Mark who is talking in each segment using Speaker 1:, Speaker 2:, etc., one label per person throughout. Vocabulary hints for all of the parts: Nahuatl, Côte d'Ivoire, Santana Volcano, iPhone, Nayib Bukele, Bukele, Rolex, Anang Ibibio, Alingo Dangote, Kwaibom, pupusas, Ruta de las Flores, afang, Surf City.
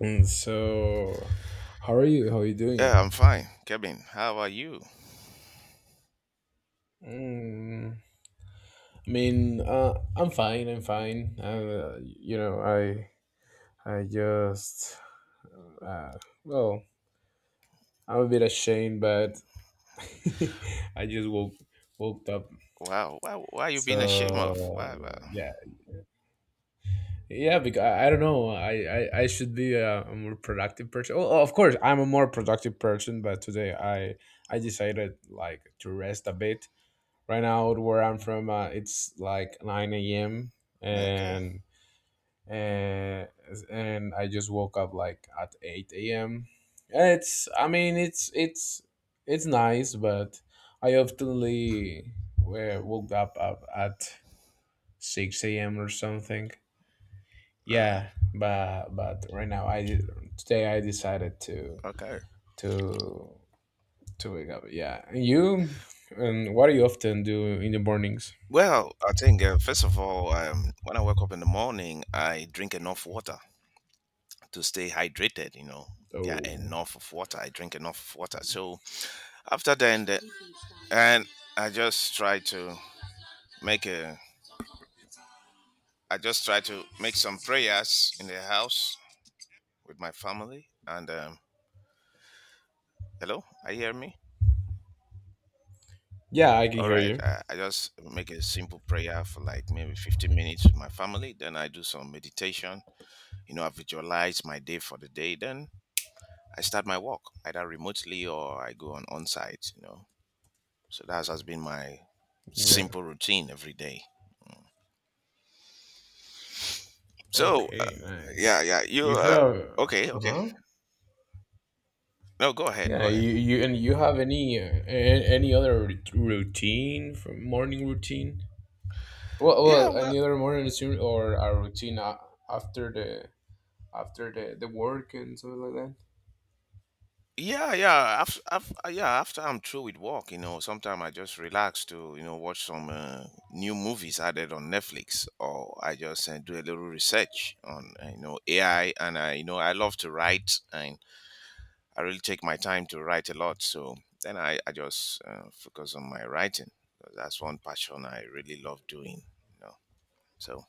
Speaker 1: So, how are you? How are you
Speaker 2: Yeah, I'm
Speaker 1: doing?
Speaker 2: fine. Kevin, how are you?
Speaker 1: Mm, I mean, I'm fine. I'm fine. I just uh, well, I'm a bit ashamed, but I just woke up.
Speaker 2: Wow. Wow. Why you being ashamed of?
Speaker 1: So,
Speaker 2: Wow. Wow.
Speaker 1: yeah, yeah. Because I don't know. I should be a more productive person. Well, of course, I'm a more productive person, but today I decided, like, to rest a bit. Right now, where I'm from, it's like 9 a.m.
Speaker 2: Okay.
Speaker 1: and and I just woke up like at 8 a.m. it's I mean it's nice, but I oftenly, woke up at 6 a.m. or something.
Speaker 2: Wow.
Speaker 1: Yeah. But right now, I today I decided to
Speaker 2: Okay.
Speaker 1: to wake up. Yeah. And you, and what do you often do in the mornings?
Speaker 2: Well, I think first of all, when I wake up in the morning, I drink enough water to stay hydrated. You know, yeah,
Speaker 1: Oh.
Speaker 2: enough of water. I drink enough of water. So after then, the, and I just try to make a. I just try to make some prayers in the house with my family. And hello, I hear me?
Speaker 1: Yeah, I can
Speaker 2: All
Speaker 1: hear
Speaker 2: right,
Speaker 1: you.
Speaker 2: I just make a simple prayer for like maybe 15 minutes with my family. Then I do some meditation. You know, I visualize my day for the day. Then I start my work either remotely or I go on site. You know, so that has been my
Speaker 1: Yeah.
Speaker 2: simple routine every day. Mm. So, uh,
Speaker 1: Okay. Nice.
Speaker 2: yeah, yeah, you.
Speaker 1: You have.
Speaker 2: Okay,
Speaker 1: Uh
Speaker 2: okay.
Speaker 1: huh.
Speaker 2: No, go ahead, go
Speaker 1: Yeah.
Speaker 2: ahead.
Speaker 1: You have any any other routine from morning routine?
Speaker 2: Yeah, well.
Speaker 1: Any other morning routine or a routine after the after the work and something like that?
Speaker 2: Yeah, yeah. Yeah, after I'm through with work, you know, sometimes I just relax to, you know, watch some new movies added on Netflix, or I just do a little research on, you know, AI. And I, you know, I love to write, and I really take my time to write a lot. So then I just focus on my writing. That's one passion I really love doing, you know. So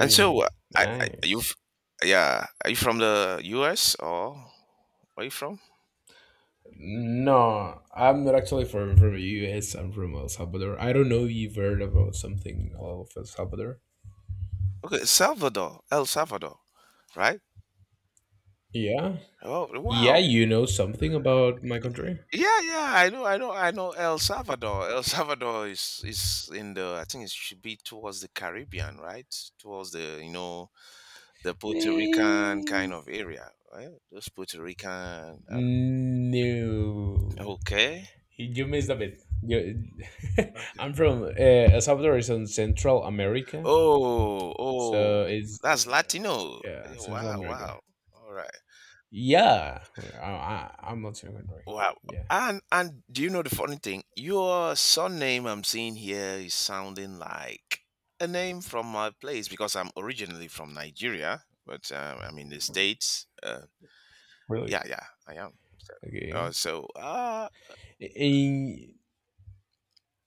Speaker 2: and so, I
Speaker 1: nice.
Speaker 2: yeah, are you from the US or where are you from?
Speaker 1: No, I'm not actually from the U.S. I'm from El Salvador. I don't know if you've heard about something of El Salvador.
Speaker 2: Okay, Salvador, El Salvador, right?
Speaker 1: Yeah.
Speaker 2: Oh,
Speaker 1: Yeah,
Speaker 2: wow.
Speaker 1: you know something about my country?
Speaker 2: Yeah, I know El Salvador. El Salvador is in the I think it should be towards the Caribbean, right? Towards the, you know, the Puerto Rican kind
Speaker 1: Eh,
Speaker 2: of area, right? Those Puerto Rican uh,
Speaker 1: No.
Speaker 2: okay.
Speaker 1: You missed a bit.
Speaker 2: Okay.
Speaker 1: I'm from El Salvador is in Central America,
Speaker 2: Oh, oh.
Speaker 1: so it's
Speaker 2: That's Latino.
Speaker 1: yeah, Central
Speaker 2: Wow,
Speaker 1: America.
Speaker 2: wow. All right.
Speaker 1: Yeah, I'm not your country.
Speaker 2: Wow.
Speaker 1: Yeah,
Speaker 2: and do you know the funny thing? Your surname I'm seeing here is sounding like a name from my place because I'm originally from Nigeria, but I'm in the States.
Speaker 1: really.
Speaker 2: Yeah, yeah, I am. So, uh,
Speaker 1: Okay.
Speaker 2: so uh,
Speaker 1: Eh,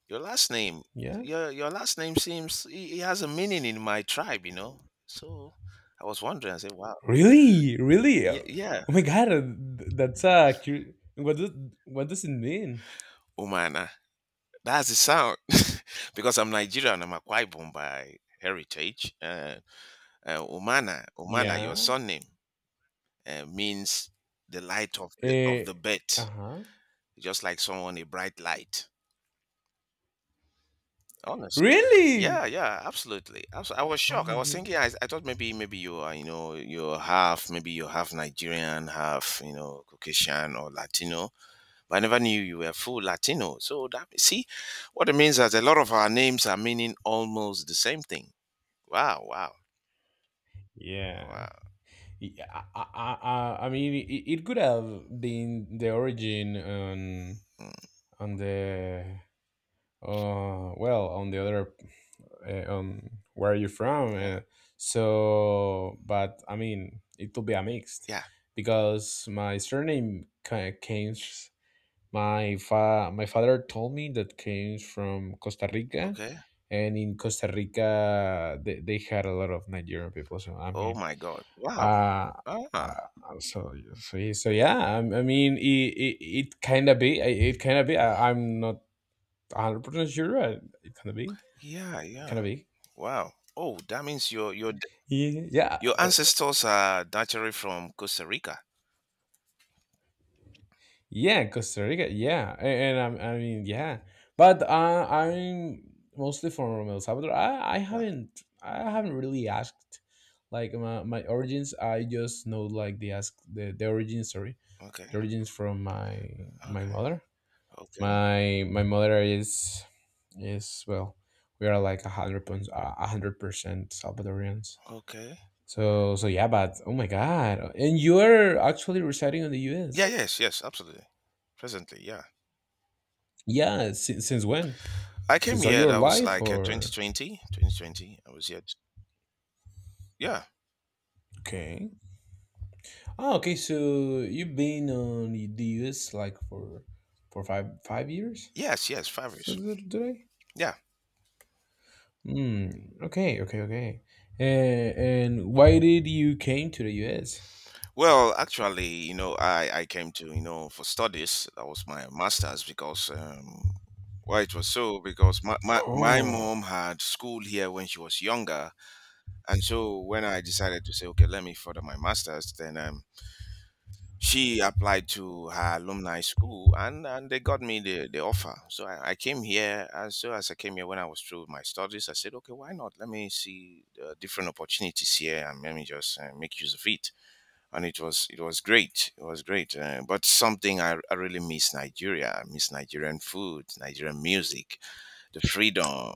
Speaker 2: your last name,
Speaker 1: yeah.
Speaker 2: your last name seems it has a meaning in my tribe, you know. So I was wondering. I said, wow,
Speaker 1: Really, really.
Speaker 2: yeah,
Speaker 1: Oh
Speaker 2: yeah,
Speaker 1: my God, what does it mean?
Speaker 2: Umana. That's the sound because I'm Nigerian. I'm a Kwaibom by heritage. Omana, your
Speaker 1: Yeah.
Speaker 2: surname means the light of the
Speaker 1: Eh,
Speaker 2: bed,
Speaker 1: uh-huh.
Speaker 2: just like someone a bright light. Honest.
Speaker 1: Really?
Speaker 2: Yeah, yeah, absolutely. Abso- I was
Speaker 1: Oh
Speaker 2: shocked. I
Speaker 1: my
Speaker 2: was
Speaker 1: god.
Speaker 2: thinking, I thought maybe you are, you know, you're half, maybe you're half Nigerian, half, you know, Caucasian or Latino. But I never knew you were full Latino. So that see, what it means is a lot of our names are meaning almost the same thing. Wow, wow, wow.
Speaker 1: Yeah. I mean, it could have been the origin
Speaker 2: Mm,
Speaker 1: on the on the other, on where you're from.
Speaker 2: yeah,
Speaker 1: So, but I mean, it will be a mixed
Speaker 2: yeah.
Speaker 1: because my surname came. My my father told me that came from Costa Rica,
Speaker 2: Okay.
Speaker 1: and in Costa Rica, they had a lot of Nigerian people. So, I
Speaker 2: Oh
Speaker 1: mean,
Speaker 2: my God. Wow.
Speaker 1: uh,
Speaker 2: Ah,
Speaker 1: yeah. I mean, it kind of be, I'm not 100% sure. It kind of be
Speaker 2: yeah, yeah.
Speaker 1: kind of be.
Speaker 2: Wow. Oh, that means
Speaker 1: Yeah, yeah.
Speaker 2: your ancestors are naturally from Costa Rica.
Speaker 1: Yeah, Costa Rica. Yeah, and, am I mean, yeah, but I'm mostly from El Salvador.
Speaker 2: Yeah.
Speaker 1: I haven't really asked, like, my origins. I just know, like, the, origins. Sorry,
Speaker 2: Okay.
Speaker 1: the origins from my
Speaker 2: Okay.
Speaker 1: mother.
Speaker 2: Okay.
Speaker 1: My mother is well, we are like 100%, 100% Salvadorians.
Speaker 2: Okay.
Speaker 1: So yeah, but oh my god, and you are actually residing in the U.S.?
Speaker 2: Yeah. Yes. Yes. Absolutely. Presently. Yeah.
Speaker 1: Yeah, since when?
Speaker 2: I came
Speaker 1: Since all
Speaker 2: here.
Speaker 1: your
Speaker 2: That was
Speaker 1: life,
Speaker 2: like
Speaker 1: or
Speaker 2: 2020. 2020. I was here. T- Yeah.
Speaker 1: okay? Oh, okay. So you've been on the US, like, for five five years.
Speaker 2: Yes. Yes. Five
Speaker 1: So,
Speaker 2: years.
Speaker 1: today,
Speaker 2: Yeah.
Speaker 1: hmm, okay, okay, okay. And, and why did you came to the US?
Speaker 2: Well, actually, you know, I came to you know for studies. That was my master's because why it was so because my
Speaker 1: Oh.
Speaker 2: mom had school here when she was younger. And so when I decided to say, okay, let me further my master's, then she applied to her alumni school and they got me the offer. So I came here. As soon as I came here, when I was through with my studies, I said, okay, why not? Let me see different opportunities here and let me just make use of it. And it was great. It was great. But something I really miss Nigeria. I miss Nigerian food, Nigerian music, the freedom,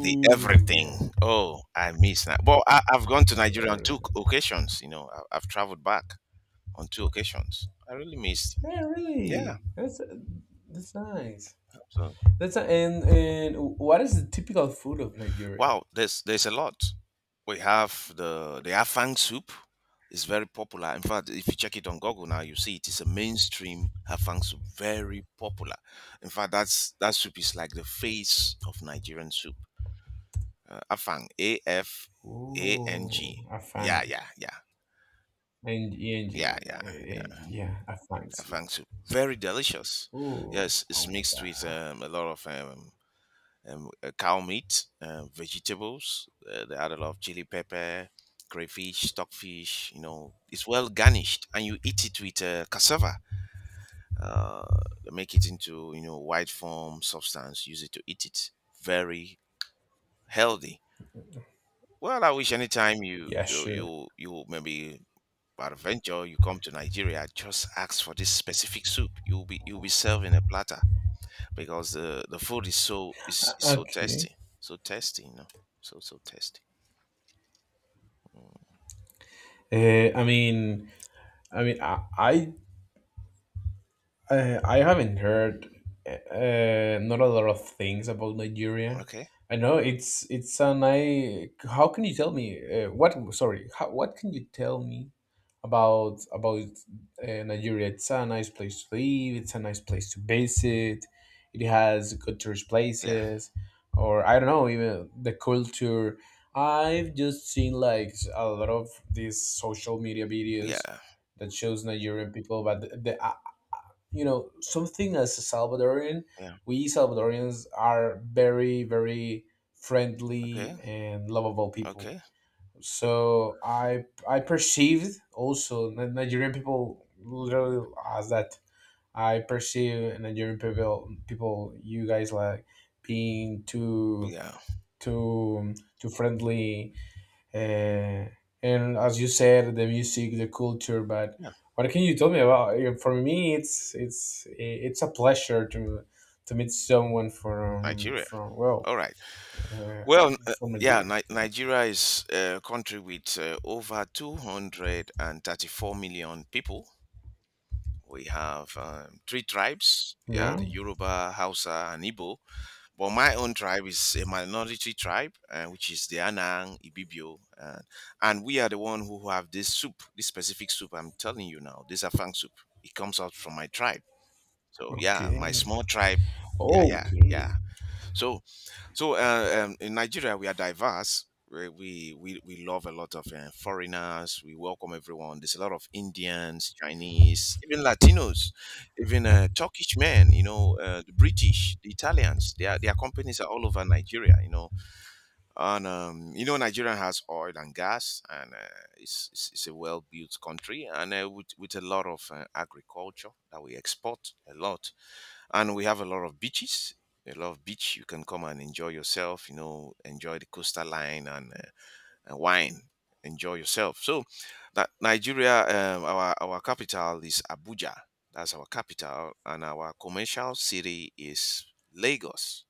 Speaker 2: the
Speaker 1: yeah.
Speaker 2: everything. Oh, I miss that. Well, I've gone to Nigeria
Speaker 1: There
Speaker 2: on
Speaker 1: it
Speaker 2: two
Speaker 1: is.
Speaker 2: occasions. You know, I've traveled back on two occasions. I really miss.
Speaker 1: Yeah,
Speaker 2: Yeah.
Speaker 1: really. That's nice.
Speaker 2: So
Speaker 1: And what is the typical food of Nigeria?
Speaker 2: wow, there's a lot. We have the afang soup. It's very popular. In fact, if you check it on Google now, you see it is a mainstream afang soup, very popular. In fact, that's that soup is like the face of Nigerian soup. Afang, A F A N
Speaker 1: Oh,
Speaker 2: G. Yeah,
Speaker 1: afang.
Speaker 2: yeah, yeah.
Speaker 1: And
Speaker 2: Yeah,
Speaker 1: ENG,
Speaker 2: yeah, yeah.
Speaker 1: yeah, I find it.
Speaker 2: Afang soup. Very delicious.
Speaker 1: Oh,
Speaker 2: Yes, it's
Speaker 1: oh my
Speaker 2: mixed with
Speaker 1: God.
Speaker 2: a lot of cow meat, vegetables. They add a lot of chili pepper, crayfish, stockfish. You know, it's well garnished, and you eat it with cassava. Uh, make it into you know white form substance. Use it to eat it. Very healthy. Well, I wish anytime
Speaker 1: Yeah, sure.
Speaker 2: you maybe by adventure, you come to Nigeria, just ask for this specific soup. You'll be served in a platter because the food is is
Speaker 1: Okay.
Speaker 2: so tasty, you know, so tasty. Mm.
Speaker 1: I mean, I mean, I, I I haven't heard, not a lot of things about Nigeria.
Speaker 2: Okay,
Speaker 1: I know it's a nice. How can you tell me, what? Sorry, how, what can you tell me about Nigeria? It's a nice place to live. It's a nice place to visit. It has good tourist
Speaker 2: yeah,
Speaker 1: places, or I don't know, even the culture. I've just seen, like, a lot of these social media videos
Speaker 2: yeah,
Speaker 1: that shows Nigerian people, but the, you know something, as a salvadorian,
Speaker 2: yeah.
Speaker 1: we salvadorians are very, very friendly
Speaker 2: Okay,
Speaker 1: and lovable people.
Speaker 2: okay,
Speaker 1: So I perceived also nigerian people, literally, as that. I perceive nigerian people, you guys, like, being
Speaker 2: yeah,
Speaker 1: too too friendly, uh, and as you said, the music, the culture. But
Speaker 2: yeah.
Speaker 1: what can you tell me about? You For me, it's a pleasure to meet someone from,
Speaker 2: Nigeria. All right.
Speaker 1: uh,
Speaker 2: Well,
Speaker 1: from
Speaker 2: yeah,
Speaker 1: Nigeria. Yeah.
Speaker 2: Nigeria is a country with over 234 million people. We have three tribes. Yeah,
Speaker 1: Yeah.
Speaker 2: the Yoruba, Hausa, and Igbo. But my own tribe is a minority tribe, which is the Anang Ibibio, and we are the one who have this soup, this specific soup. I'm telling you now, this Afang soup. It comes out from my tribe. So yeah,
Speaker 1: Okay.
Speaker 2: my small tribe. Yeah, yeah, yeah. So so, in Nigeria, we are diverse. We love a lot of foreigners. We welcome everyone. There's a lot of Indians, Chinese, even Latinos, even Turkish men. You know, the British, the Italians. Their companies are all over Nigeria. You know, and you know Nigeria has oil and gas, and it's a well built country, and with a lot of agriculture that we export a lot, and we have a lot of beaches, a lot of beach you can come and enjoy yourself, you know, enjoy the coastal line, and wine, enjoy yourself. So that Nigeria, our capital is Abuja. That's our capital, and our commercial city is Lagos,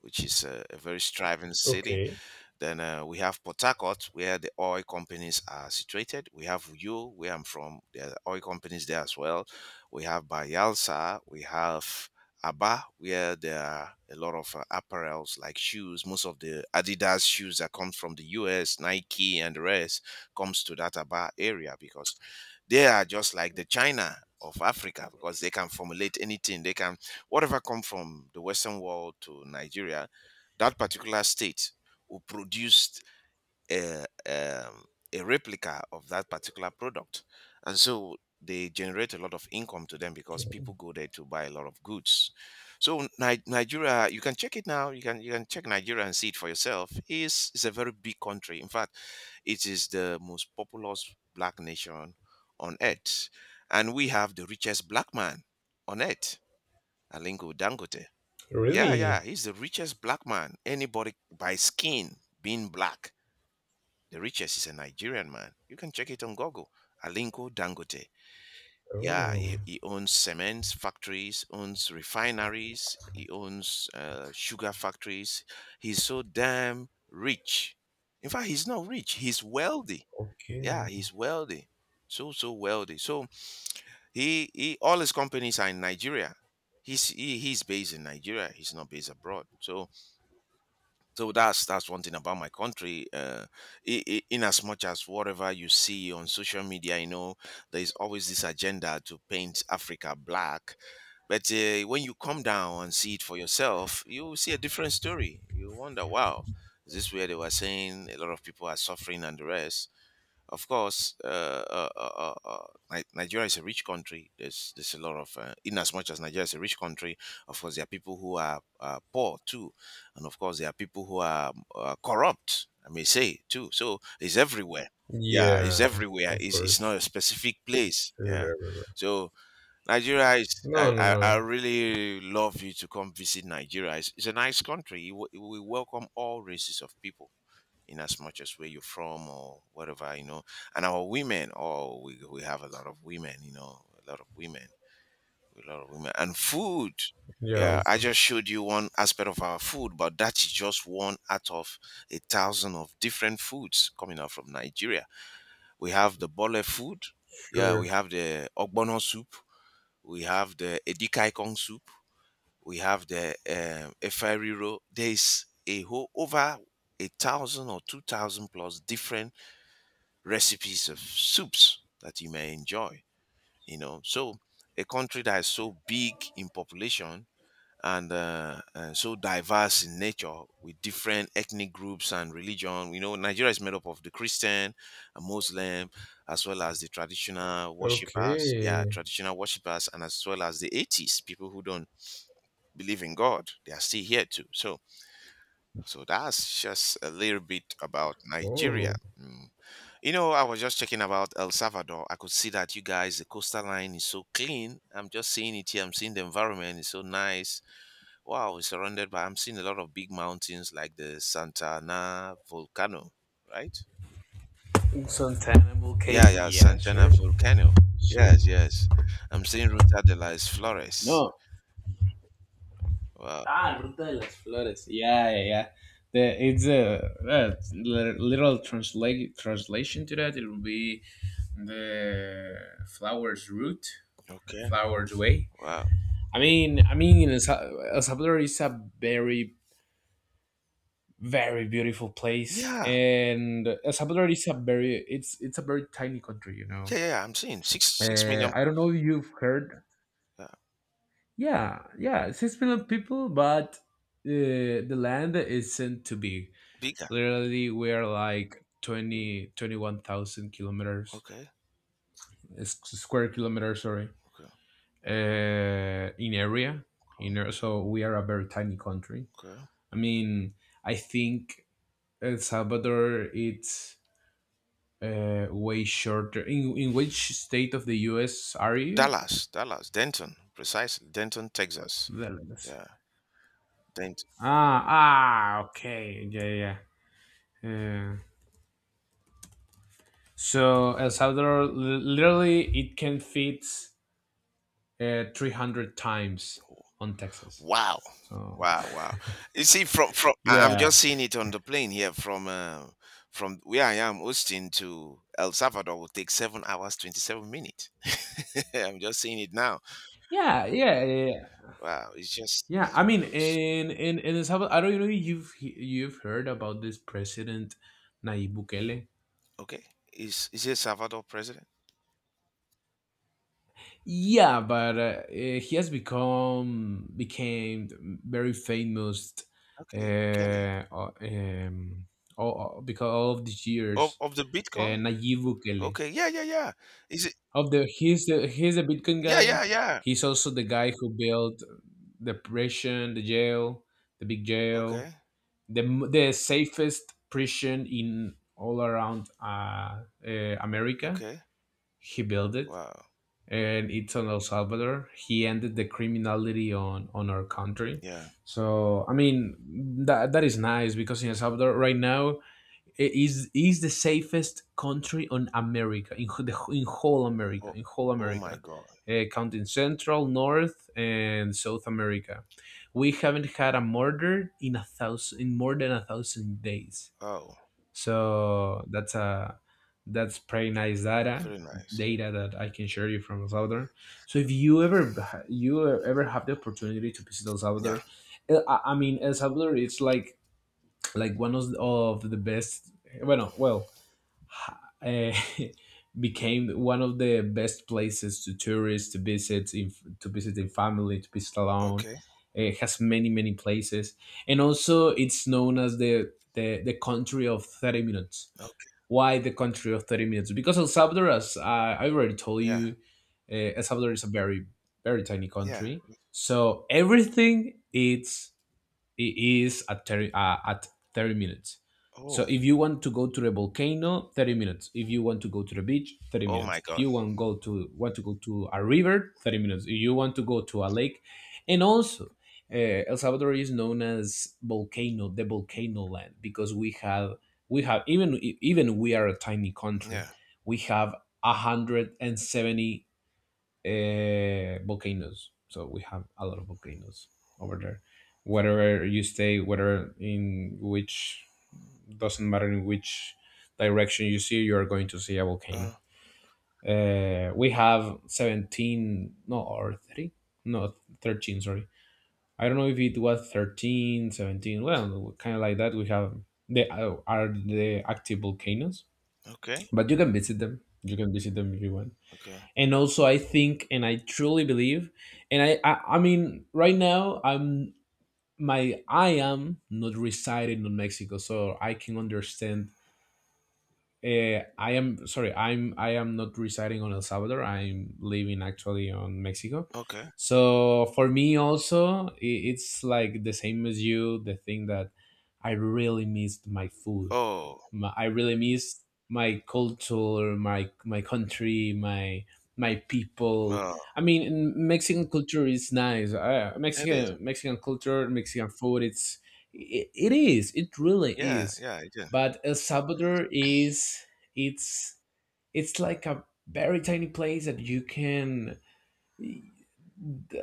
Speaker 2: which is a very striving city.
Speaker 1: Okay.
Speaker 2: Then we have Port Harcourt, where the oil companies are situated. We have Uyo, where I'm from. There are oil companies there as well. We have Bayelsa. We have Aba, where there are a lot of apparels like shoes. Most of the Adidas shoes that come from the US, Nike, and the rest comes to that Aba area because they are just like the China of Africa because they can formulate anything. They can whatever come from the Western world to Nigeria, that particular state will produce a um, a replica of that particular product, and so they generate a lot of income to them because
Speaker 1: Okay.
Speaker 2: people go there to buy a lot of goods. So Nigeria, you can check it now. You can check Nigeria and see it for yourself. Is a very big country. In fact, it is the most populous black nation on earth. And we have the richest black man on earth, Alingo Dangote. Yeah, yeah,
Speaker 1: Really?
Speaker 2: he's the richest black man. Anybody by skin being black, the richest is a Nigerian man. You can check it on Google. Alinko Dangote. Yeah,
Speaker 1: Oh.
Speaker 2: he owns cement factories, owns refineries, he owns sugar factories. He's so damn rich. In fact, he's not rich, he's wealthy. Yeah,
Speaker 1: Okay.
Speaker 2: he's wealthy, so wealthy. So he all his companies are in Nigeria. He's based in Nigeria. He's not based abroad. So that's one thing about my country. I in as much as whatever you see on social media, you know, there is always this agenda to paint Africa black. But when you come down and see it for yourself, you will see a different story. You wonder, wow, is this where they were saying a lot of people are suffering and the rest? Of course, Nigeria is a rich country. There's a lot of, in as much as Nigeria is a rich country, of course there are people who are poor too, and of course there are people who are corrupt. I may say too. So it's everywhere. Yeah, it's
Speaker 1: Yeah.
Speaker 2: everywhere.
Speaker 1: Of
Speaker 2: It's not
Speaker 1: course.
Speaker 2: a specific place. Yeah.
Speaker 1: Sure. Everywhere.
Speaker 2: So Nigeria is.
Speaker 1: No. No.
Speaker 2: I
Speaker 1: No.
Speaker 2: really love you to come visit Nigeria. It's a nice country. We welcome all races of people in as much as where you're from or whatever, you know. And our women, oh, we have a lot of women, you know, a lot of women, a lot of women. And food,
Speaker 1: Yeah.
Speaker 2: yeah, I
Speaker 1: Also.
Speaker 2: just showed you one aspect of our food, but that's just one out of a thousand of different foods coming out from Nigeria. We have the bole food, yeah, we
Speaker 1: Sure.
Speaker 2: have the ogbono soup, we have the edikaikong soup, we have the eferiro. There is a whole over 1,000 or 2,000 plus different recipes of soups that you may enjoy. You know, so a country that is so big in population and so diverse in nature with different ethnic groups and religion. We know Nigeria is made up of the Christian, a Muslim, as well as the traditional worshippers. Yeah,
Speaker 1: Okay.
Speaker 2: traditional worshippers, and as well as the atheists, people who don't believe in God. They are still here too. So that's just a little bit about Nigeria.
Speaker 1: Oh.
Speaker 2: Mm. You know, I was just checking about El Salvador. I could see that you guys, the coastal line is so clean. I'm just seeing it here. I'm seeing the environment is so nice. Wow, it's surrounded by, I'm seeing a lot of big mountains like the Santana Volcano, right?
Speaker 1: Santana
Speaker 2: Yeah,
Speaker 1: Volcano,
Speaker 2: yeah,
Speaker 1: yeah,
Speaker 2: Santana
Speaker 1: sure.
Speaker 2: Volcano.
Speaker 1: Sure.
Speaker 2: Yes, yes. I'm seeing Ruta de las Flores.
Speaker 1: No.
Speaker 2: Wow.
Speaker 1: Ah, Ruta de las Flores. Yeah, yeah, yeah. It's a literal translation to that. It will be the flower's route,
Speaker 2: Okay.
Speaker 1: flower's way.
Speaker 2: Wow.
Speaker 1: I mean, El Salvador is a very, very beautiful place,
Speaker 2: Yeah,
Speaker 1: and El Salvador it's a very tiny country, you know.
Speaker 2: yeah, yeah, yeah, I'm seeing six six million
Speaker 1: I don't know
Speaker 2: plus.
Speaker 1: if you've heard.
Speaker 2: Yeah,
Speaker 1: Yeah, yeah, 6 million people, but the land isn't too big.
Speaker 2: bigger.
Speaker 1: Literally, we're like 20 21,000 kilometers,
Speaker 2: Okay.
Speaker 1: square kilometers, sorry,
Speaker 2: Okay.
Speaker 1: in area. So we are a very tiny country.
Speaker 2: Okay.
Speaker 1: I mean, I think El Salvador, it's, way shorter. In which state of the U.S. are you?
Speaker 2: Dallas, Dallas, Denton, precisely Denton, Texas.
Speaker 1: Well, that's...
Speaker 2: Yeah, Denton.
Speaker 1: ah, ah, okay, yeah, yeah, yeah. So El Salvador, literally, it can fit, 300 times on Texas.
Speaker 2: Wow,
Speaker 1: So,
Speaker 2: wow, wow. You see, from I'm
Speaker 1: yeah,
Speaker 2: just seeing it on the plane here from where I am, Austin to El Salvador will take 7 hours 27 minutes. I'm just seeing it now.
Speaker 1: yeah, yeah, yeah, yeah.
Speaker 2: Wow, it's just
Speaker 1: Yeah,
Speaker 2: so
Speaker 1: I mean,
Speaker 2: close.
Speaker 1: in El Salvador, I don't know if you've heard about this president, Nayib Bukele.
Speaker 2: Okay, is El Salvador president?
Speaker 1: Yeah, but he has become became very famous, uh,
Speaker 2: Okay, Bukele
Speaker 1: uh, um, because all of these years.
Speaker 2: of the Bitcoin.
Speaker 1: Nayib Bukele.
Speaker 2: Okay, yeah, yeah, yeah. Is it?
Speaker 1: Of the he's the He's a Bitcoin
Speaker 2: Yeah,
Speaker 1: guy.
Speaker 2: yeah, yeah.
Speaker 1: He's also the guy who built the prison, the jail, the big jail,
Speaker 2: Okay,
Speaker 1: the safest prison in all around, America.
Speaker 2: okay.
Speaker 1: He built it,
Speaker 2: Wow.
Speaker 1: and it's on El Salvador. He ended the criminality on our country.
Speaker 2: Yeah.
Speaker 1: So I mean that is nice because in El Salvador right now, it is the safest country on America, in whole America,
Speaker 2: Oh, oh my God.
Speaker 1: Counting Central, North, and South America. We haven't had a murder in more than a thousand days.
Speaker 2: Oh,
Speaker 1: So that's a... that's pretty nice
Speaker 2: very nice.
Speaker 1: data that I can share you from El Salvador. So if you ever, have the opportunity to visit El
Speaker 2: Yeah.
Speaker 1: Salvador, I mean El Salvador, it's like, one of the best. Bueno, well, uh, became one of the best places to tourists to visit in family, to visit alone.
Speaker 2: Okay.
Speaker 1: It has many, many places, and also it's known as the country of 30 minutes.
Speaker 2: Okay.
Speaker 1: Why the country of 30 minutes? Because El Salvador, as I already told
Speaker 2: Yeah.
Speaker 1: you, El Salvador is a very, very tiny
Speaker 2: Yeah.
Speaker 1: country. So everything, it is at 30, at 30 minutes. So
Speaker 2: Oh,
Speaker 1: if you want to go to the volcano, 30 minutes. If you want to go to the beach, 30
Speaker 2: oh my
Speaker 1: minutes. If
Speaker 2: God.
Speaker 1: you want to go to a river, 30 minutes. If you want to go to a lake. And also, uh, el salvador is known as volcano the volcano land because we have even even we are a tiny country,
Speaker 2: Yeah.
Speaker 1: we have 170, volcanoes. So we have a lot of volcanoes over there. Wherever you stay, whether in which doesn't matter in which direction you see, you are going to see a volcano.
Speaker 2: Uh,
Speaker 1: We have 17, no, or three, no, 13. Sorry, I don't know if it was 13, 17. Well, kind of like that. We have, they are the active volcanoes,
Speaker 2: okay.
Speaker 1: but you can visit them. You can visit them if you want.
Speaker 2: Okay.
Speaker 1: And also, I think, and I truly believe, and I mean, right now, I am not residing in mexico, so I can understand. I am sorry. I am not residing on El Salvador. I'm living actually on Mexico.
Speaker 2: Okay.
Speaker 1: So for me also, it's like the same as you. The thing that, I really missed my food.
Speaker 2: Oh,
Speaker 1: I really missed my culture, my country, my people.
Speaker 2: uh,
Speaker 1: I mean, Mexican culture is nice.
Speaker 2: it is.
Speaker 1: Mexican culture, Mexican food. It's, it is. It really
Speaker 2: Yeah.
Speaker 1: is,
Speaker 2: Yeah. It is.
Speaker 1: but El Salvador is... it's it's like a very tiny place that you can,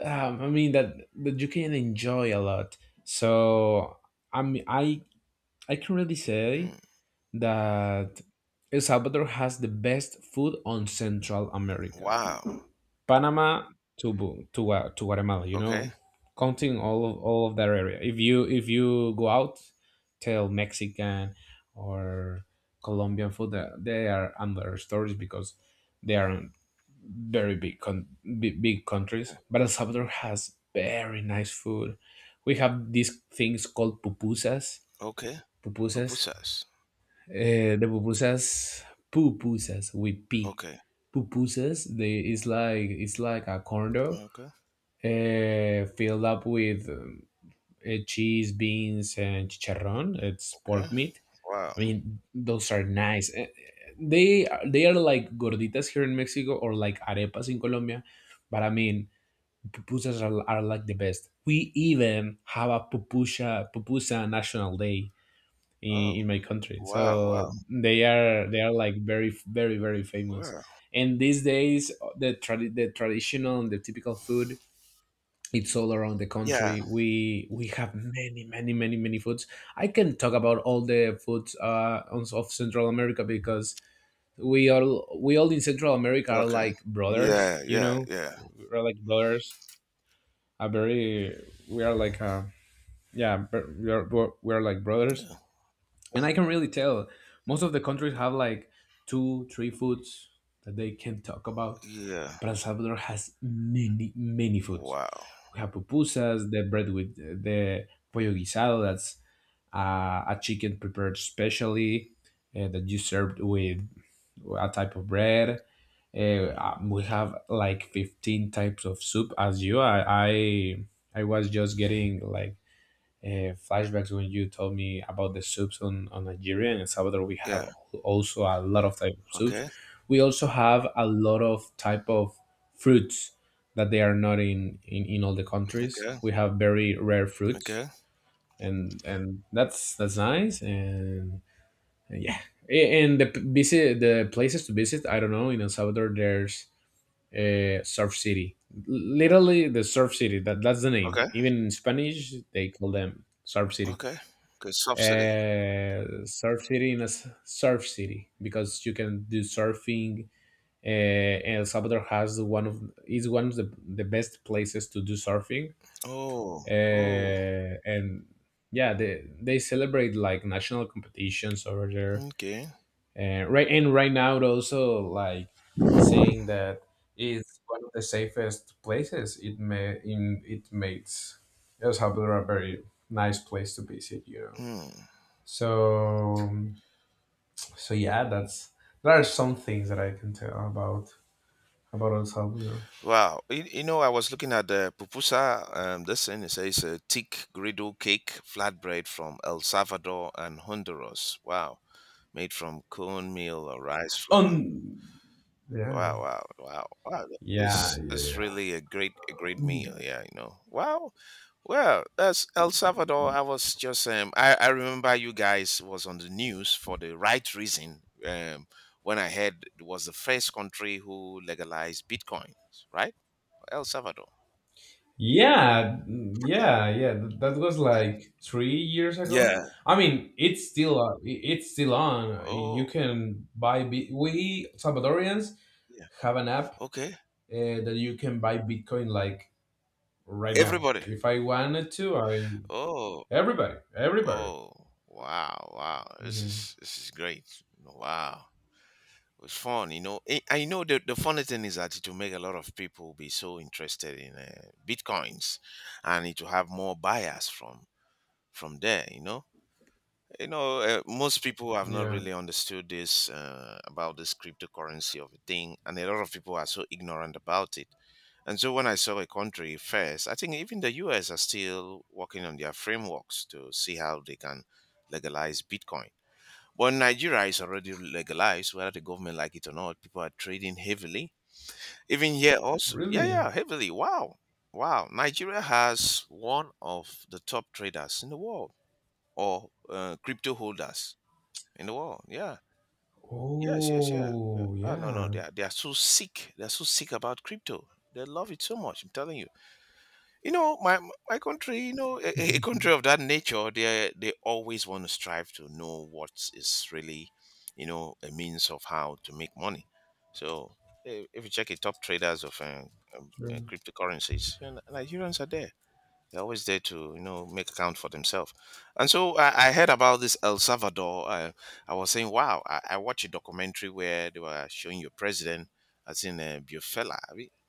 Speaker 1: I mean, that you can enjoy a lot. So, I mean, I can really say
Speaker 2: Mm.
Speaker 1: that El Salvador has the best food on Central America.
Speaker 2: Wow.
Speaker 1: Panama to to Guatemala. You
Speaker 2: Okay.
Speaker 1: know, counting all of that area. If you go out, tell Mexican or Colombian food that they are under stories because they are very big, big, big
Speaker 2: Yeah.
Speaker 1: countries. But El Salvador has very nice food. We have these things called pupusas.
Speaker 2: Okay.
Speaker 1: Pupusas.
Speaker 2: Pupusas.
Speaker 1: The pupusas. Pupusas with P.
Speaker 2: Okay.
Speaker 1: Pupusas. They, it's like, a corn dog,
Speaker 2: Okay.
Speaker 1: filled up with, cheese, beans, and chicharron. It's
Speaker 2: Okay.
Speaker 1: pork meat.
Speaker 2: Wow.
Speaker 1: I mean, those are nice. They are like gorditas here in Mexico or like arepas in Colombia, but pupusas are like the best. We even have a pupusa national day
Speaker 2: Oh,
Speaker 1: in my country,
Speaker 2: wow. Wow.
Speaker 1: so they are like very famous.
Speaker 2: Wow.
Speaker 1: And these days, the the traditional and the typical food it's all around the
Speaker 2: Yeah.
Speaker 1: country, we have many foods. I can talk about all the foods of Central America because we all in Central America are
Speaker 2: Okay.
Speaker 1: like brothers
Speaker 2: Yeah.
Speaker 1: you
Speaker 2: Yeah.
Speaker 1: know
Speaker 2: Yeah.
Speaker 1: We're like brothers a very we are like yeah but we are like brothers
Speaker 2: Okay.
Speaker 1: And I can really tell most of the countries have like 2 3 foods that they can talk about,
Speaker 2: Yeah.
Speaker 1: but El Salvador has many many foods.
Speaker 2: Wow.
Speaker 1: We have pupusas, the bread with the pollo guisado. That's a chicken prepared specially that you served with a type of bread. We have like 15 types of soup as you. I was just getting like flashbacks when you told me about the soups on Nigeria and El Salvador. We have
Speaker 2: Yeah.
Speaker 1: also a lot of type of soups.
Speaker 2: Okay.
Speaker 1: We also have a lot of type of fruits that they are not in all the countries.
Speaker 2: Okay.
Speaker 1: We have very rare fruits,
Speaker 2: Okay.
Speaker 1: and that's nice. And yeah, A- and the p- Visit the places to visit. I don't know, in El Salvador, there's Surf City. Literally the Surf City. That's the name.
Speaker 2: Okay.
Speaker 1: Even in Spanish, they call them
Speaker 2: Okay. Okay, subsidy.
Speaker 1: surf city in a s- surf city because you can do surfing. Uh, and El Salvador has one of is one of the best places to do surfing.
Speaker 2: Oh, oh,
Speaker 1: And yeah, they celebrate like national competitions over there.
Speaker 2: okay.
Speaker 1: And right now, it also like saying that it's one of the safest places. It may in it makes El Salvador a very nice place to visit. You know,
Speaker 2: Mm.
Speaker 1: so um, So yeah, that's There are some things that I can tell about El Salvador.
Speaker 2: Wow. You know, I was looking at the pupusa. This thing it says a thick griddle cake flatbread from El Salvador and Honduras. Wow. Made from cornmeal or rice
Speaker 1: On
Speaker 2: flour.
Speaker 1: yeah,
Speaker 2: Wow, wow, wow, wow!
Speaker 1: yeah,
Speaker 2: This
Speaker 1: yeah,
Speaker 2: this is
Speaker 1: yeah,
Speaker 2: really a great meal. Yeah, you know. Wow, well, that's El Salvador. I was just I remember you guys was on the news for the right reason. When I heard it was the first country who legalized Bitcoin, right? El Salvador.
Speaker 1: yeah,
Speaker 2: Yeah,
Speaker 1: yeah, yeah. That was
Speaker 2: yeah,
Speaker 1: like 3 years ago.
Speaker 2: yeah.
Speaker 1: I mean, it's still it's still on. You
Speaker 2: Oh,
Speaker 1: can buy bit. We Salvadorians
Speaker 2: yeah.
Speaker 1: have an app
Speaker 2: Okay,
Speaker 1: that you can buy Bitcoin like right now.
Speaker 2: everybody.
Speaker 1: If I wanted to, I
Speaker 2: Oh,
Speaker 1: everybody.
Speaker 2: oh, wow, wow!
Speaker 1: Hmm.
Speaker 2: This is great. Wow. Was fun, you know. I know the funny thing is that it will make a lot of people be so interested in bitcoins, and it will have more buyers from there, you know. You know, most people have not
Speaker 1: Yeah,
Speaker 2: really understood this about this cryptocurrency of a thing, and a lot of people are so ignorant about it. And so when I saw a country first, I think even the US are still working on their frameworks to see how they can legalize Bitcoin, but Nigeria is already legalized, whether the government like it or not. People are trading heavily. Even here also, yeah, yeah,
Speaker 1: really.
Speaker 2: heavily. Wow, wow. Nigeria has one of the top traders in the world, or crypto holders in the world. Yeah, yes, yes, yeah, yeah.
Speaker 1: Oh,
Speaker 2: Oh no, no,
Speaker 1: yeah.
Speaker 2: they are so sick. They are so sick about crypto. They love it so much. I'm telling you. You know, my country, you know, a country of that nature, they always want to strive to know what is really, you know, a means of how to make money. So if you check the top traders of
Speaker 1: True.
Speaker 2: cryptocurrencies, you know, Nigerians are there. They're always there to, you know, make account for themselves. And so I heard about this El Salvador. I was saying, wow, I watched a documentary where they were showing your president, as in Bufela.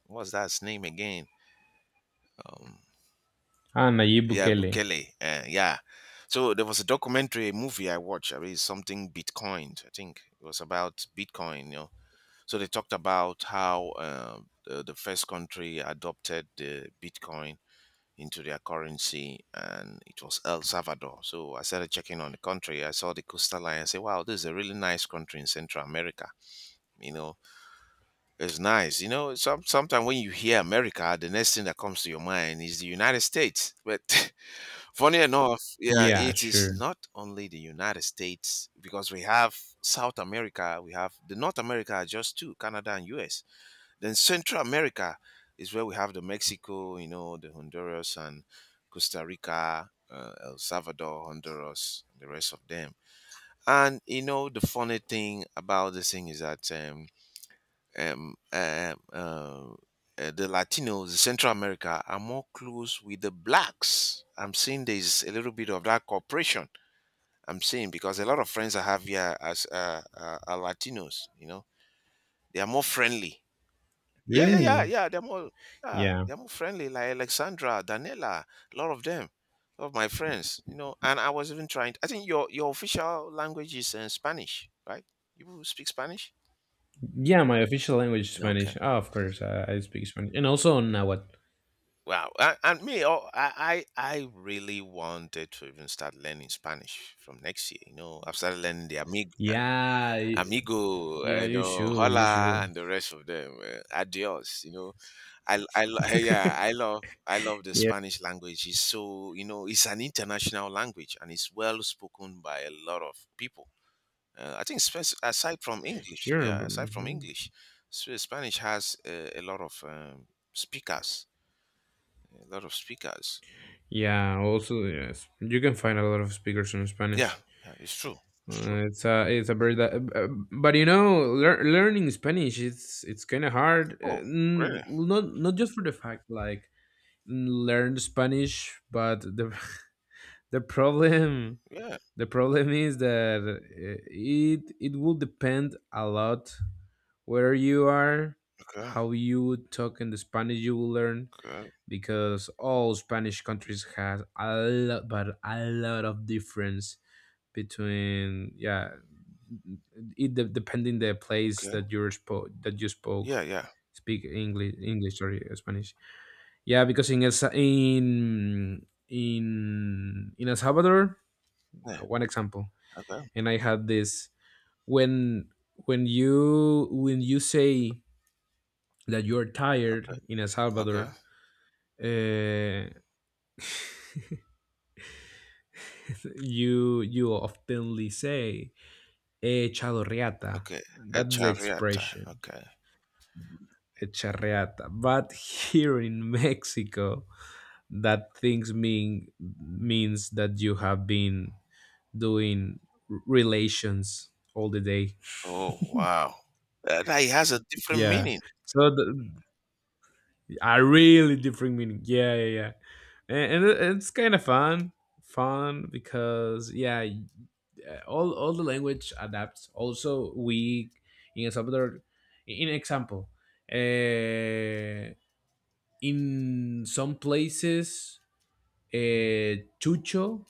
Speaker 2: What's that his name again? Um,
Speaker 1: Ah, Nayib
Speaker 2: yeah,
Speaker 1: Bukele.
Speaker 2: Bukele. Yeah. So there was a documentary, a movie I watched. I mean, it's something Bitcoin. I think it was about Bitcoin. You know, so they talked about how the first country adopted the Bitcoin into their currency, and it was El Salvador. So I started checking on the country. I saw the coastal line. I said, "Wow, this is a really nice country in Central America." You know, it's nice. You know, some sometimes when you hear America, the next thing that comes to your mind is the United States, but. Funny enough, yeah,
Speaker 1: Yeah,
Speaker 2: it is
Speaker 1: sure.
Speaker 2: not only the United States because we have South America, we have the North America are just two, Canada and US. Then Central America is where we have the Mexico, you know, the Honduras and Costa Rica, El Salvador, Honduras, and the rest of them. And you know, the funny thing about this thing is that um, um, uh, uh, the Latinos, Central America, are more close with the blacks. I'm seeing there's a little bit of that cooperation. I'm seeing because a lot of friends I have here as are Latinos. You know, they are more friendly. Yeah, yeah, yeah,
Speaker 1: Really?
Speaker 2: yeah. They're more, yeah,
Speaker 1: Yeah.
Speaker 2: they're more friendly. Like Alexandra, Daniela, a lot of them, a lot of my friends. You know, and I was even trying. I think your official language is Spanish, right? You speak Spanish.
Speaker 1: Yeah, my official language is
Speaker 2: Okay.
Speaker 1: Spanish. Oh, of course, I speak Spanish. And also Nahuatl.
Speaker 2: Wow, and me, oh, I really wanted to even start learning Spanish from next year. You know, I've started learning the amig,
Speaker 1: Yeah, y-
Speaker 2: amigo, you know,
Speaker 1: you
Speaker 2: hola,
Speaker 1: should.
Speaker 2: and the rest of them, adios. You know, yeah, I love the
Speaker 1: Yeah,
Speaker 2: Spanish language. It's so, you know, it's an international language and it's well spoken by a lot of people. I think aside from English,
Speaker 1: sure,
Speaker 2: yeah,
Speaker 1: but
Speaker 2: aside from
Speaker 1: mhm.
Speaker 2: English, Spanish has a lot of speakers, a lot of speakers.
Speaker 1: Yeah, also, yes. You can find a lot of speakers in
Speaker 2: Yeah,
Speaker 1: Spanish.
Speaker 2: yeah, it's true. It's true.
Speaker 1: It's a very but you know, learning Spanish, it's kind of hard.
Speaker 2: Oh, really?
Speaker 1: Well, not just for the fact like learn Spanish, but the the problem
Speaker 2: Yeah.
Speaker 1: the problem is that it it will depend a lot where you are,
Speaker 2: Okay.
Speaker 1: how you talk, in the Spanish you will learn,
Speaker 2: Okay.
Speaker 1: because all Spanish countries have a lot, but a lot of difference between, yeah, depending the place
Speaker 2: Okay.
Speaker 1: that that you spoke
Speaker 2: Yeah. Yeah.
Speaker 1: speak English, English, sorry, Spanish. Yeah, because in El, Sa- in El Salvador,
Speaker 2: Yeah.
Speaker 1: one example,
Speaker 2: Okay.
Speaker 1: and I had this when when you say that you're
Speaker 2: Okay.
Speaker 1: tired in El
Speaker 2: Okay.
Speaker 1: Salvador, uh, you oftenly say "he echado reata."
Speaker 2: Okay. A
Speaker 1: That's the
Speaker 2: chariota.
Speaker 1: expression
Speaker 2: Okay.
Speaker 1: "echar reata." But here in Mexico, that things mean means that you have been doing relations all the day.
Speaker 2: Oh, wow. That, that has a different
Speaker 1: Yeah.
Speaker 2: meaning.
Speaker 1: So a really different meaning. Yeah, yeah, yeah. And, it's kind of fun because all the language adapts. Also, we in El Salvador, in example, uh, in some places, uh, chucho,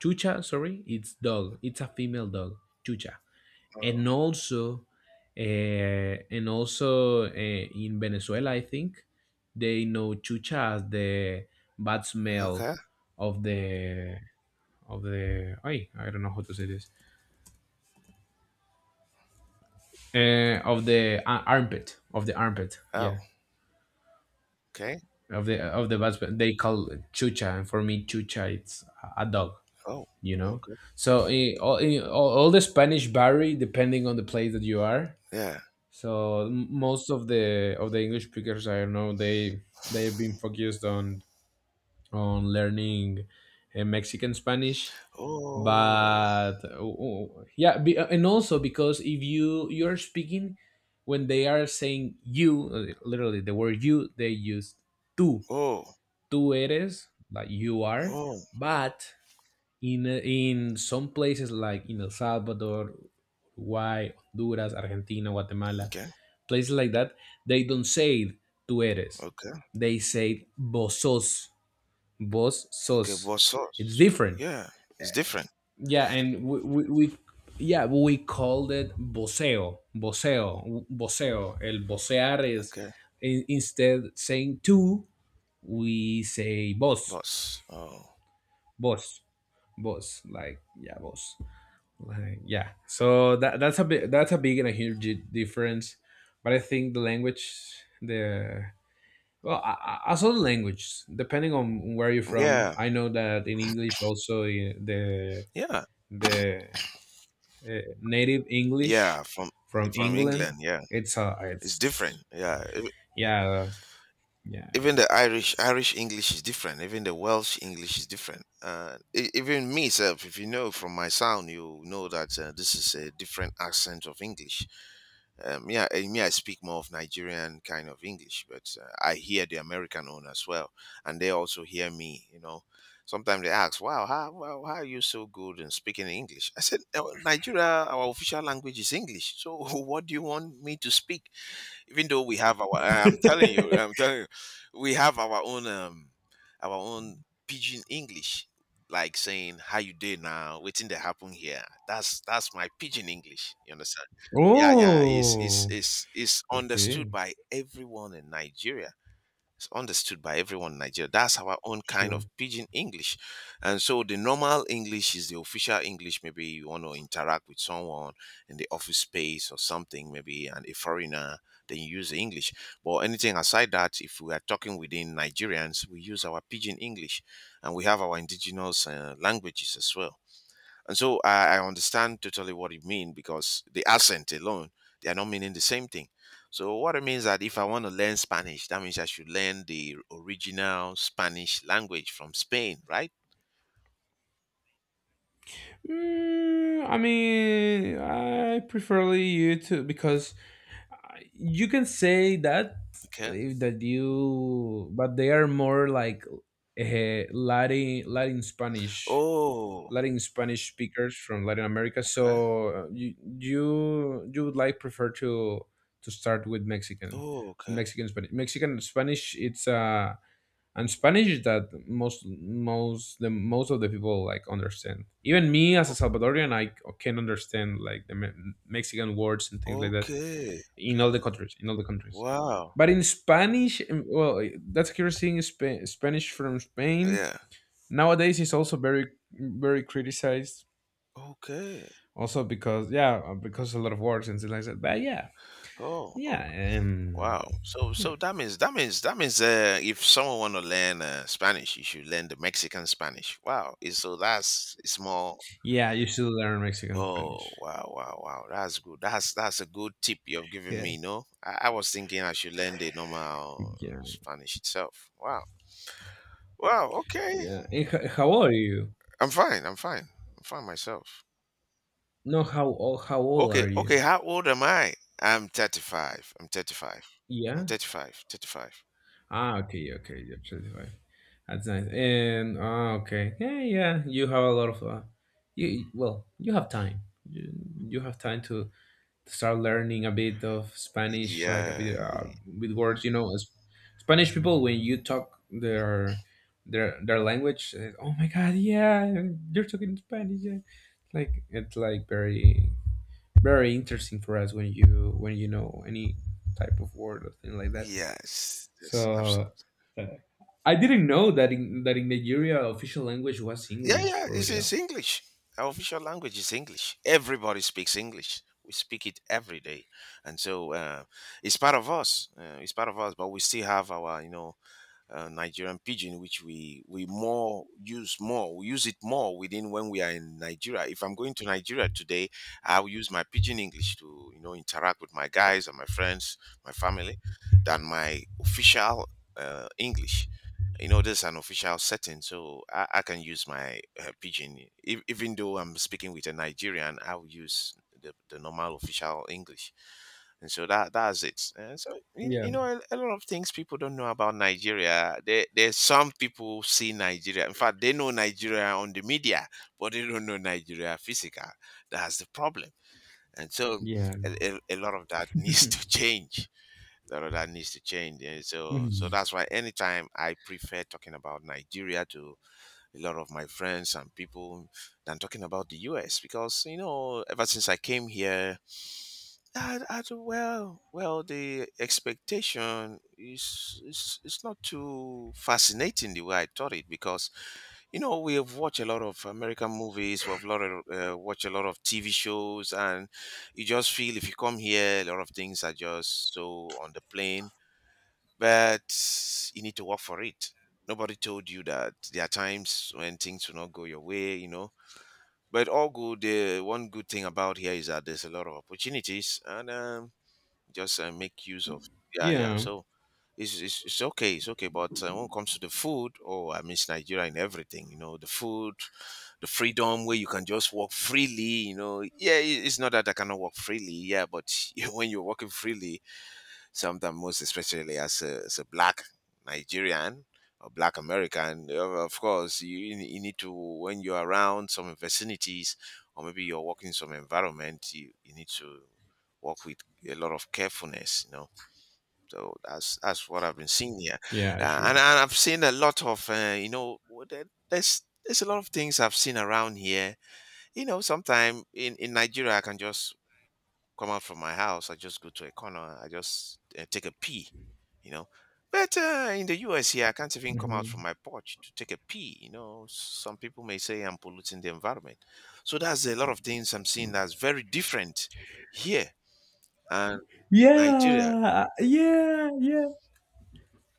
Speaker 1: chucha, sorry, it's dog. It's a female dog, chucha. And
Speaker 2: Oh.
Speaker 1: also in Venezuela, I think they know chucha as the bad smell
Speaker 2: Okay.
Speaker 1: of the ay, I don't know how to say this, armpit, of the armpit yeah,
Speaker 2: Oh. Okay.
Speaker 1: of the bad smell. They call it chucha, and for me chucha it's a dog,
Speaker 2: Oh.
Speaker 1: you know.
Speaker 2: Okay.
Speaker 1: So all the Spanish vary depending on the place that you are.
Speaker 2: Yeah.
Speaker 1: So most of the English speakers, I don't know, they they've been focused on learning Mexican Spanish,
Speaker 2: Oh.
Speaker 1: but and also because if you're speaking, when they are saying you, literally the word you, they use tú,
Speaker 2: Oh.
Speaker 1: tú eres, like you are,
Speaker 2: Oh.
Speaker 1: but in some places like in El Salvador, Uruguay, Honduras, Argentina, Guatemala,
Speaker 2: Okay.
Speaker 1: places like that, they don't say it, tú eres.
Speaker 2: Okay.
Speaker 1: They say vos sos, vos
Speaker 2: Okay.
Speaker 1: sos.
Speaker 2: Boss
Speaker 1: It's
Speaker 2: sauce.
Speaker 1: different.
Speaker 2: Yeah. It's different.
Speaker 1: Yeah, and we called it voceo, voceo, voceo. El vocear is,
Speaker 2: Okay.
Speaker 1: in, instead saying tú, we say
Speaker 2: Boss. Oh.
Speaker 1: vos, vos. Like yeah, vos. Like yeah. So that's a big and a huge difference, but I think the language, the, well, I as other language, depending on where you're from.
Speaker 2: Yeah.
Speaker 1: I know that in English also eh,
Speaker 2: Yeah.
Speaker 1: the native English
Speaker 2: Yeah.
Speaker 1: from
Speaker 2: From
Speaker 1: England,
Speaker 2: England. Yeah. It's
Speaker 1: it's
Speaker 2: different. Yeah.
Speaker 1: yeah, yeah.
Speaker 2: Even the Irish English is different. Even the Welsh English is different. Even me self, if you know from my sound, you know that this is a different accent of English. Yeah, and me, I speak more of Nigerian kind of English, but I hear the American one as well, and they also hear me. You know, sometimes they ask, "Wow, how are you so good in speaking English?" I said, Nigeria, our official language is English. So what do you want me to speak?" Even though we have our I'm telling you we have our own pidgin english, like saying how you doing now, waiting to happen here. That's my pidgin english, you understand. Yeah yeah, it's it's
Speaker 1: Oh,
Speaker 2: it's it's understood
Speaker 1: okay,
Speaker 2: by everyone in nigeria, it's understood by everyone in Nigeria. That's our own kind of
Speaker 1: sure.
Speaker 2: pidgin English. And so the normal English is the official English. Maybe you want to interact with someone in the office space or something, maybe and a foreigner, then you use the English. But anything aside that, if we are talking within Nigerians, we use our pidgin English and we have our indigenous languages as well. And so I understand totally what you mean because the accent alone, they are not meaning the same thing. So what it means that if I want to learn Spanish, that means I should learn the original Spanish language from Spain, right?
Speaker 1: I mean, I preferly you to, because you can say that
Speaker 2: Okay.
Speaker 1: if that you, but they are more like latin spanish,
Speaker 2: Oh,
Speaker 1: speakers from latin america,
Speaker 2: okay.
Speaker 1: so you would like prefer to start with
Speaker 2: Oh, okay.
Speaker 1: mexican spanish. Mexican spanish, it's and spanish that most of the people like understand, even me as a
Speaker 2: Oh,
Speaker 1: salvadorian, I can understand like mexican words and things like that,
Speaker 2: okay.
Speaker 1: in all
Speaker 2: Okay.
Speaker 1: the countries,
Speaker 2: Wow.
Speaker 1: but in spanish, well, that's a curious thing. Spanish from spain
Speaker 2: Yeah.
Speaker 1: nowadays is also very criticized
Speaker 2: Okay.
Speaker 1: also, because yeah, because a lot of wars and things like that, but yeah,
Speaker 2: Oh, okay.
Speaker 1: yeah,
Speaker 2: Wow. So,
Speaker 1: yeah
Speaker 2: so that means that means if someone want to learn Spanish, you should learn the Mexican Spanish. Wow. So that's it's more.
Speaker 1: yeah, you should learn mexican
Speaker 2: Oh
Speaker 1: spanish.
Speaker 2: wow, wow, wow! That's good. That's a good tip you've given
Speaker 1: Yeah,
Speaker 2: me. No, I was thinking I should learn the normal
Speaker 1: yeah,
Speaker 2: Spanish itself. Wow, wow. Okay,
Speaker 1: yeah. And how old are you?
Speaker 2: I'm fine. I'm fine. I'm fine myself.
Speaker 1: No, how old
Speaker 2: Okay,
Speaker 1: are you?
Speaker 2: okay. How old am I? I'm 35. I'm 35. I'm
Speaker 1: Yeah.
Speaker 2: 35. 35.
Speaker 1: Ah, okay, okay, you're 35. That's nice. And ah, okay, yeah, yeah. You have a lot of, well, you have time. You you have time to start learning a bit of Spanish, like a bit
Speaker 2: Yeah.
Speaker 1: with words. You know, as Spanish people when you talk their language, oh my God, yeah, you're talking Spanish. Yeah. Like it's like very interesting for us when you know any type of word or thing like that.
Speaker 2: Yes. Yes.
Speaker 1: So
Speaker 2: Absolutely.
Speaker 1: uh, I didn't know that in Nigeria official language was
Speaker 2: Yeah,
Speaker 1: English
Speaker 2: yeah,
Speaker 1: for
Speaker 2: it's
Speaker 1: real.
Speaker 2: English. Our official language is English. Everybody speaks English. We speak it every day, and so it's part of us. It's part of us, but we still have our, Nigerian pidgin, which we more use more. We use it more within when we are in Nigeria. If I'm going to Nigeria today, I'll use my pidgin English to interact with my guys and my friends, my family, than my official English. You know, this is an official setting, so I can use my pidgin. Even though I'm speaking with a Nigerian, I'll use the normal official English. And so that's it. And so you,
Speaker 1: Yeah.
Speaker 2: you know a, a lot of things people don't know about Nigeria. There's some people see Nigeria. In fact, they know Nigeria on the media, but they don't know Nigeria physical. That's the problem. And so
Speaker 1: Yeah.
Speaker 2: a lot of that needs to change. A lot of that needs to change. And so
Speaker 1: Mhm.
Speaker 2: that's why anytime I prefer talking about Nigeria to a lot of my friends and people than talking about the US because you know ever since I came here the expectation is is not too fascinating the way I thought it because you know we have watched a lot of American movies, we've lot of, watched a lot of TV shows, and you just feel if you come here, a lot of things are just so on the plane, but you need to work for it. Nobody told you that there are times when things will not go your way, you know. But all good. One good thing about here is that there's a lot of opportunities, and just make use of yeah yeah
Speaker 1: Yeah.
Speaker 2: so it's okay, it's okay, but when it comes to the food, oh, I miss Nigeria and everything, you know, the food, the freedom where you can just walk freely, you know. Yeah, it's not that I cannot walk freely, yeah, but when you're walking freely sometimes, most especially as as a black Nigerian or black American, of course, you need to, when you're around some vicinities or maybe you're working in some environment, you need to work with a lot of carefulness, you know. So that's what I've been seeing here.
Speaker 1: Yeah. Sure.
Speaker 2: And I've seen a lot of, you know, there's a lot of things I've seen around here. You know, sometimes in Nigeria, I can just come out from my house, I just go to a corner, I just take a pee, you know. But in the US here, I can't even come out from
Speaker 1: Mhm.
Speaker 2: my porch to take a pee. You know, some people may say I'm polluting the environment. So that's a lot of things I'm seeing that's very different here and in Nigeria.
Speaker 1: Yeah. Yeah. Yeah.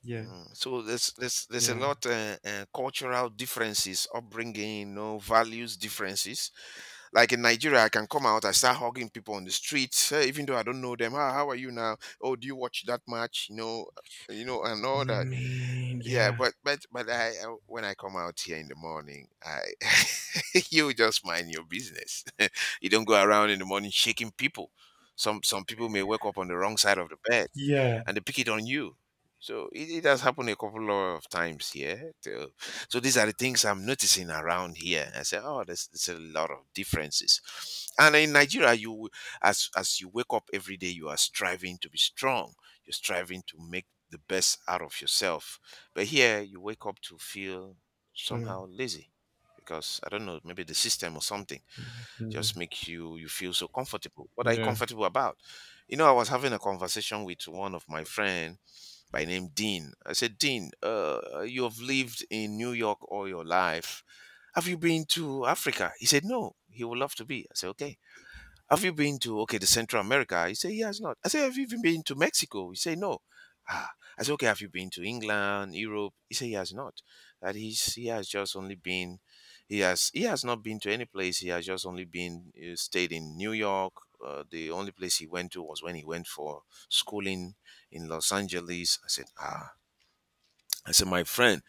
Speaker 1: Yeah.
Speaker 2: Mm. So there's a
Speaker 1: Yeah.
Speaker 2: lot cultural differences, upbringing, you know, values differences. Like in Nigeria, I can come out, I start hugging people on the streets, eh, even though I don't know them. Ah, how are you now? Oh, do you watch that match? You know, and all that.
Speaker 1: Man.
Speaker 2: Yeah,
Speaker 1: Yeah.
Speaker 2: but when I come out here in the morning, I you just mind your business. You don't go around in the morning shaking people. Some people may wake up on the wrong side of the bed
Speaker 1: Yeah.
Speaker 2: and they pick it on you. So it has happened a couple of times here. So, so these are the things I'm noticing around here. I say, oh, there's a lot of differences. And in Nigeria, as you wake up every day, you are striving to be strong. You're striving to make the best out of yourself. But here you wake up to feel
Speaker 1: Sure.
Speaker 2: somehow lazy because I don't know, maybe the system or something
Speaker 1: Yeah.
Speaker 2: just makes you feel so comfortable. What are you
Speaker 1: Yeah.
Speaker 2: comfortable about? You know, I was having a conversation with one of my friend by name Dean. I said, Dean, you have lived in New York all your life. Have you been to Africa? He said, no, he would love to be. I said, okay, have you been to okay the Central America? He said he has not. I said, have you even been to Mexico? He said no. Ah, I said, okay, have you been to England, Europe? He said he has not. That he's he has just only been, he has not been to any place. He has just only been stayed in New York. The only place he went to was when he went for schooling in Los Angeles. I said, ah, I said, my friend,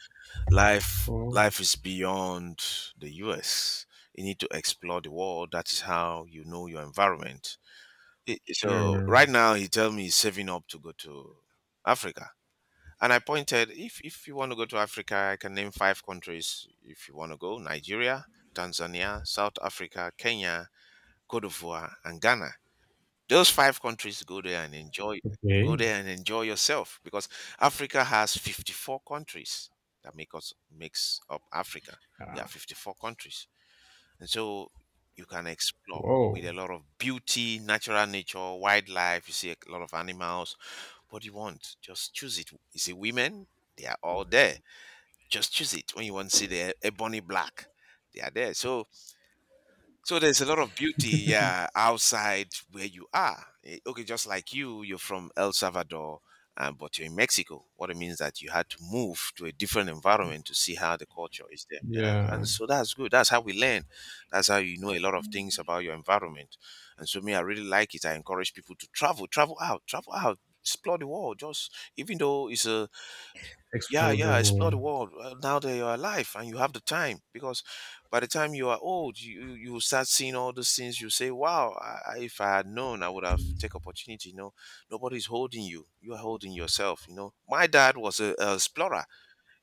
Speaker 1: Oh.
Speaker 2: life is beyond the U.S. You need to explore the world. That is how you know your environment. So
Speaker 1: Sure.
Speaker 2: right now he tell me he's saving up to go to Africa. And I pointed, if you want to go to Africa, I can name five countries if you want to go: Nigeria, Tanzania, South Africa, Kenya, Cote d'Ivoire, and Ghana. Those five countries, go there and enjoy, go
Speaker 1: Okay.
Speaker 2: there and enjoy yourself, because Africa has 54 countries that make us makes up Africa. Yeah,
Speaker 1: Uh,
Speaker 2: 54 countries. And so you can explore with
Speaker 1: whoa.
Speaker 2: a lot of beauty, natural nature, wildlife. You see a lot of animals. What do you want? Just choose it. You see women, they are all there. Just choose it. When you want to see the ebony black, they are there. So there's a lot of beauty, yeah, outside where you are. Eh, okay, just like you, you're from El Salvador, but you're in Mexico. What it means that you had to move to a different environment to see how the culture is there, yeah, and
Speaker 1: Yeah.
Speaker 2: so that's good. That's how we learn. That's how you know a lot of things about your environment. And so me, I really like it. I encourage people to travel, travel out, explore the world. Just even though it's a yeah,
Speaker 1: Explosive
Speaker 2: yeah, explore
Speaker 1: war.
Speaker 2: the world. Now that you are alive and you have the time, because by the time you are old, you will start seeing all those things. You say, "Wow, if I had known, I would have take opportunity." You know, nobody's holding you; you are holding yourself. You know, my dad was a explorer.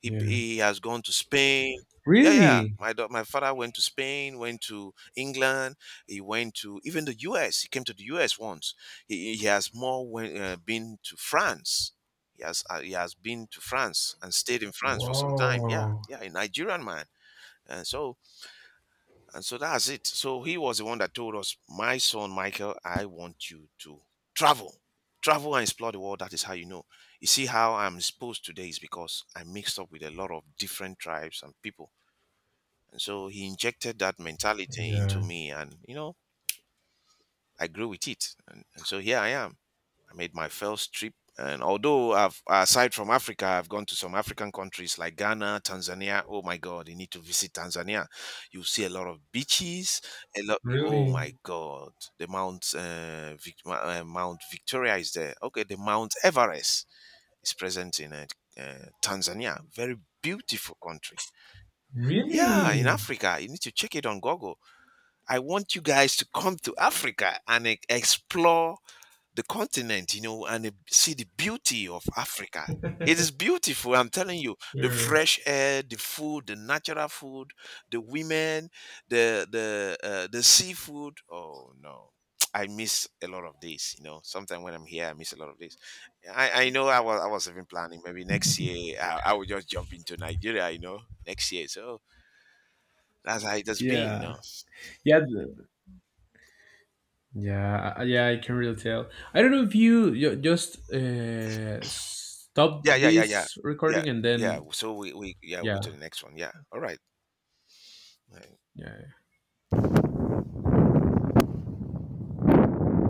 Speaker 1: Yeah.
Speaker 2: He has gone to Spain. Yeah, yeah.
Speaker 1: Really?
Speaker 2: My father went to Spain, went to England. He went to even the U.S. He came to the U.S. once. He been to France. He has been to France and stayed in France for some time. Yeah,
Speaker 1: Whoa.
Speaker 2: yeah. A Nigerian man. And so, and so that's it. So he was the one that told us, my son Michael, I want you to travel. Travel and explore the world. That is how you know. You see how I'm exposed today is because I mixed up with a lot of different tribes and people. And so he injected that mentality
Speaker 1: Yeah.
Speaker 2: into me and you know, I grew with it. And so here I am. I made my first trip. And although I've, aside from Africa, I've gone to some African countries like Ghana, Tanzania. Oh my God, you need to visit Tanzania. You see a lot of beaches. A lot. Oh
Speaker 1: Really?
Speaker 2: my God, the Mount Mount Victoria is there. Okay, the Mount Everest is present in Tanzania. Very beautiful country. Yeah, in
Speaker 1: Really?
Speaker 2: Africa, you need to check it on Google. I want you guys to come to Africa and explore the continent, you know, and see the beauty of Africa. It is beautiful, I'm telling you. The
Speaker 1: Sure.
Speaker 2: fresh air, the food, the natural food, the women, the seafood. Oh no, I miss a lot of this. You know, sometimes when I'm here, I miss a lot of this. I know I was even planning maybe next year I will just jump into Nigeria. You know, next year. So that's how it has been.
Speaker 1: Yeah,
Speaker 2: No,
Speaker 1: yeah, the- yeah, I can really tell. I don't know if you just stop
Speaker 2: yeah, yeah, yeah, yeah,
Speaker 1: this
Speaker 2: yeah,
Speaker 1: recording and
Speaker 2: yeah.
Speaker 1: then
Speaker 2: So we yeah we'll go to the
Speaker 1: yeah,
Speaker 2: next one. Yeah, all right.
Speaker 1: yeah.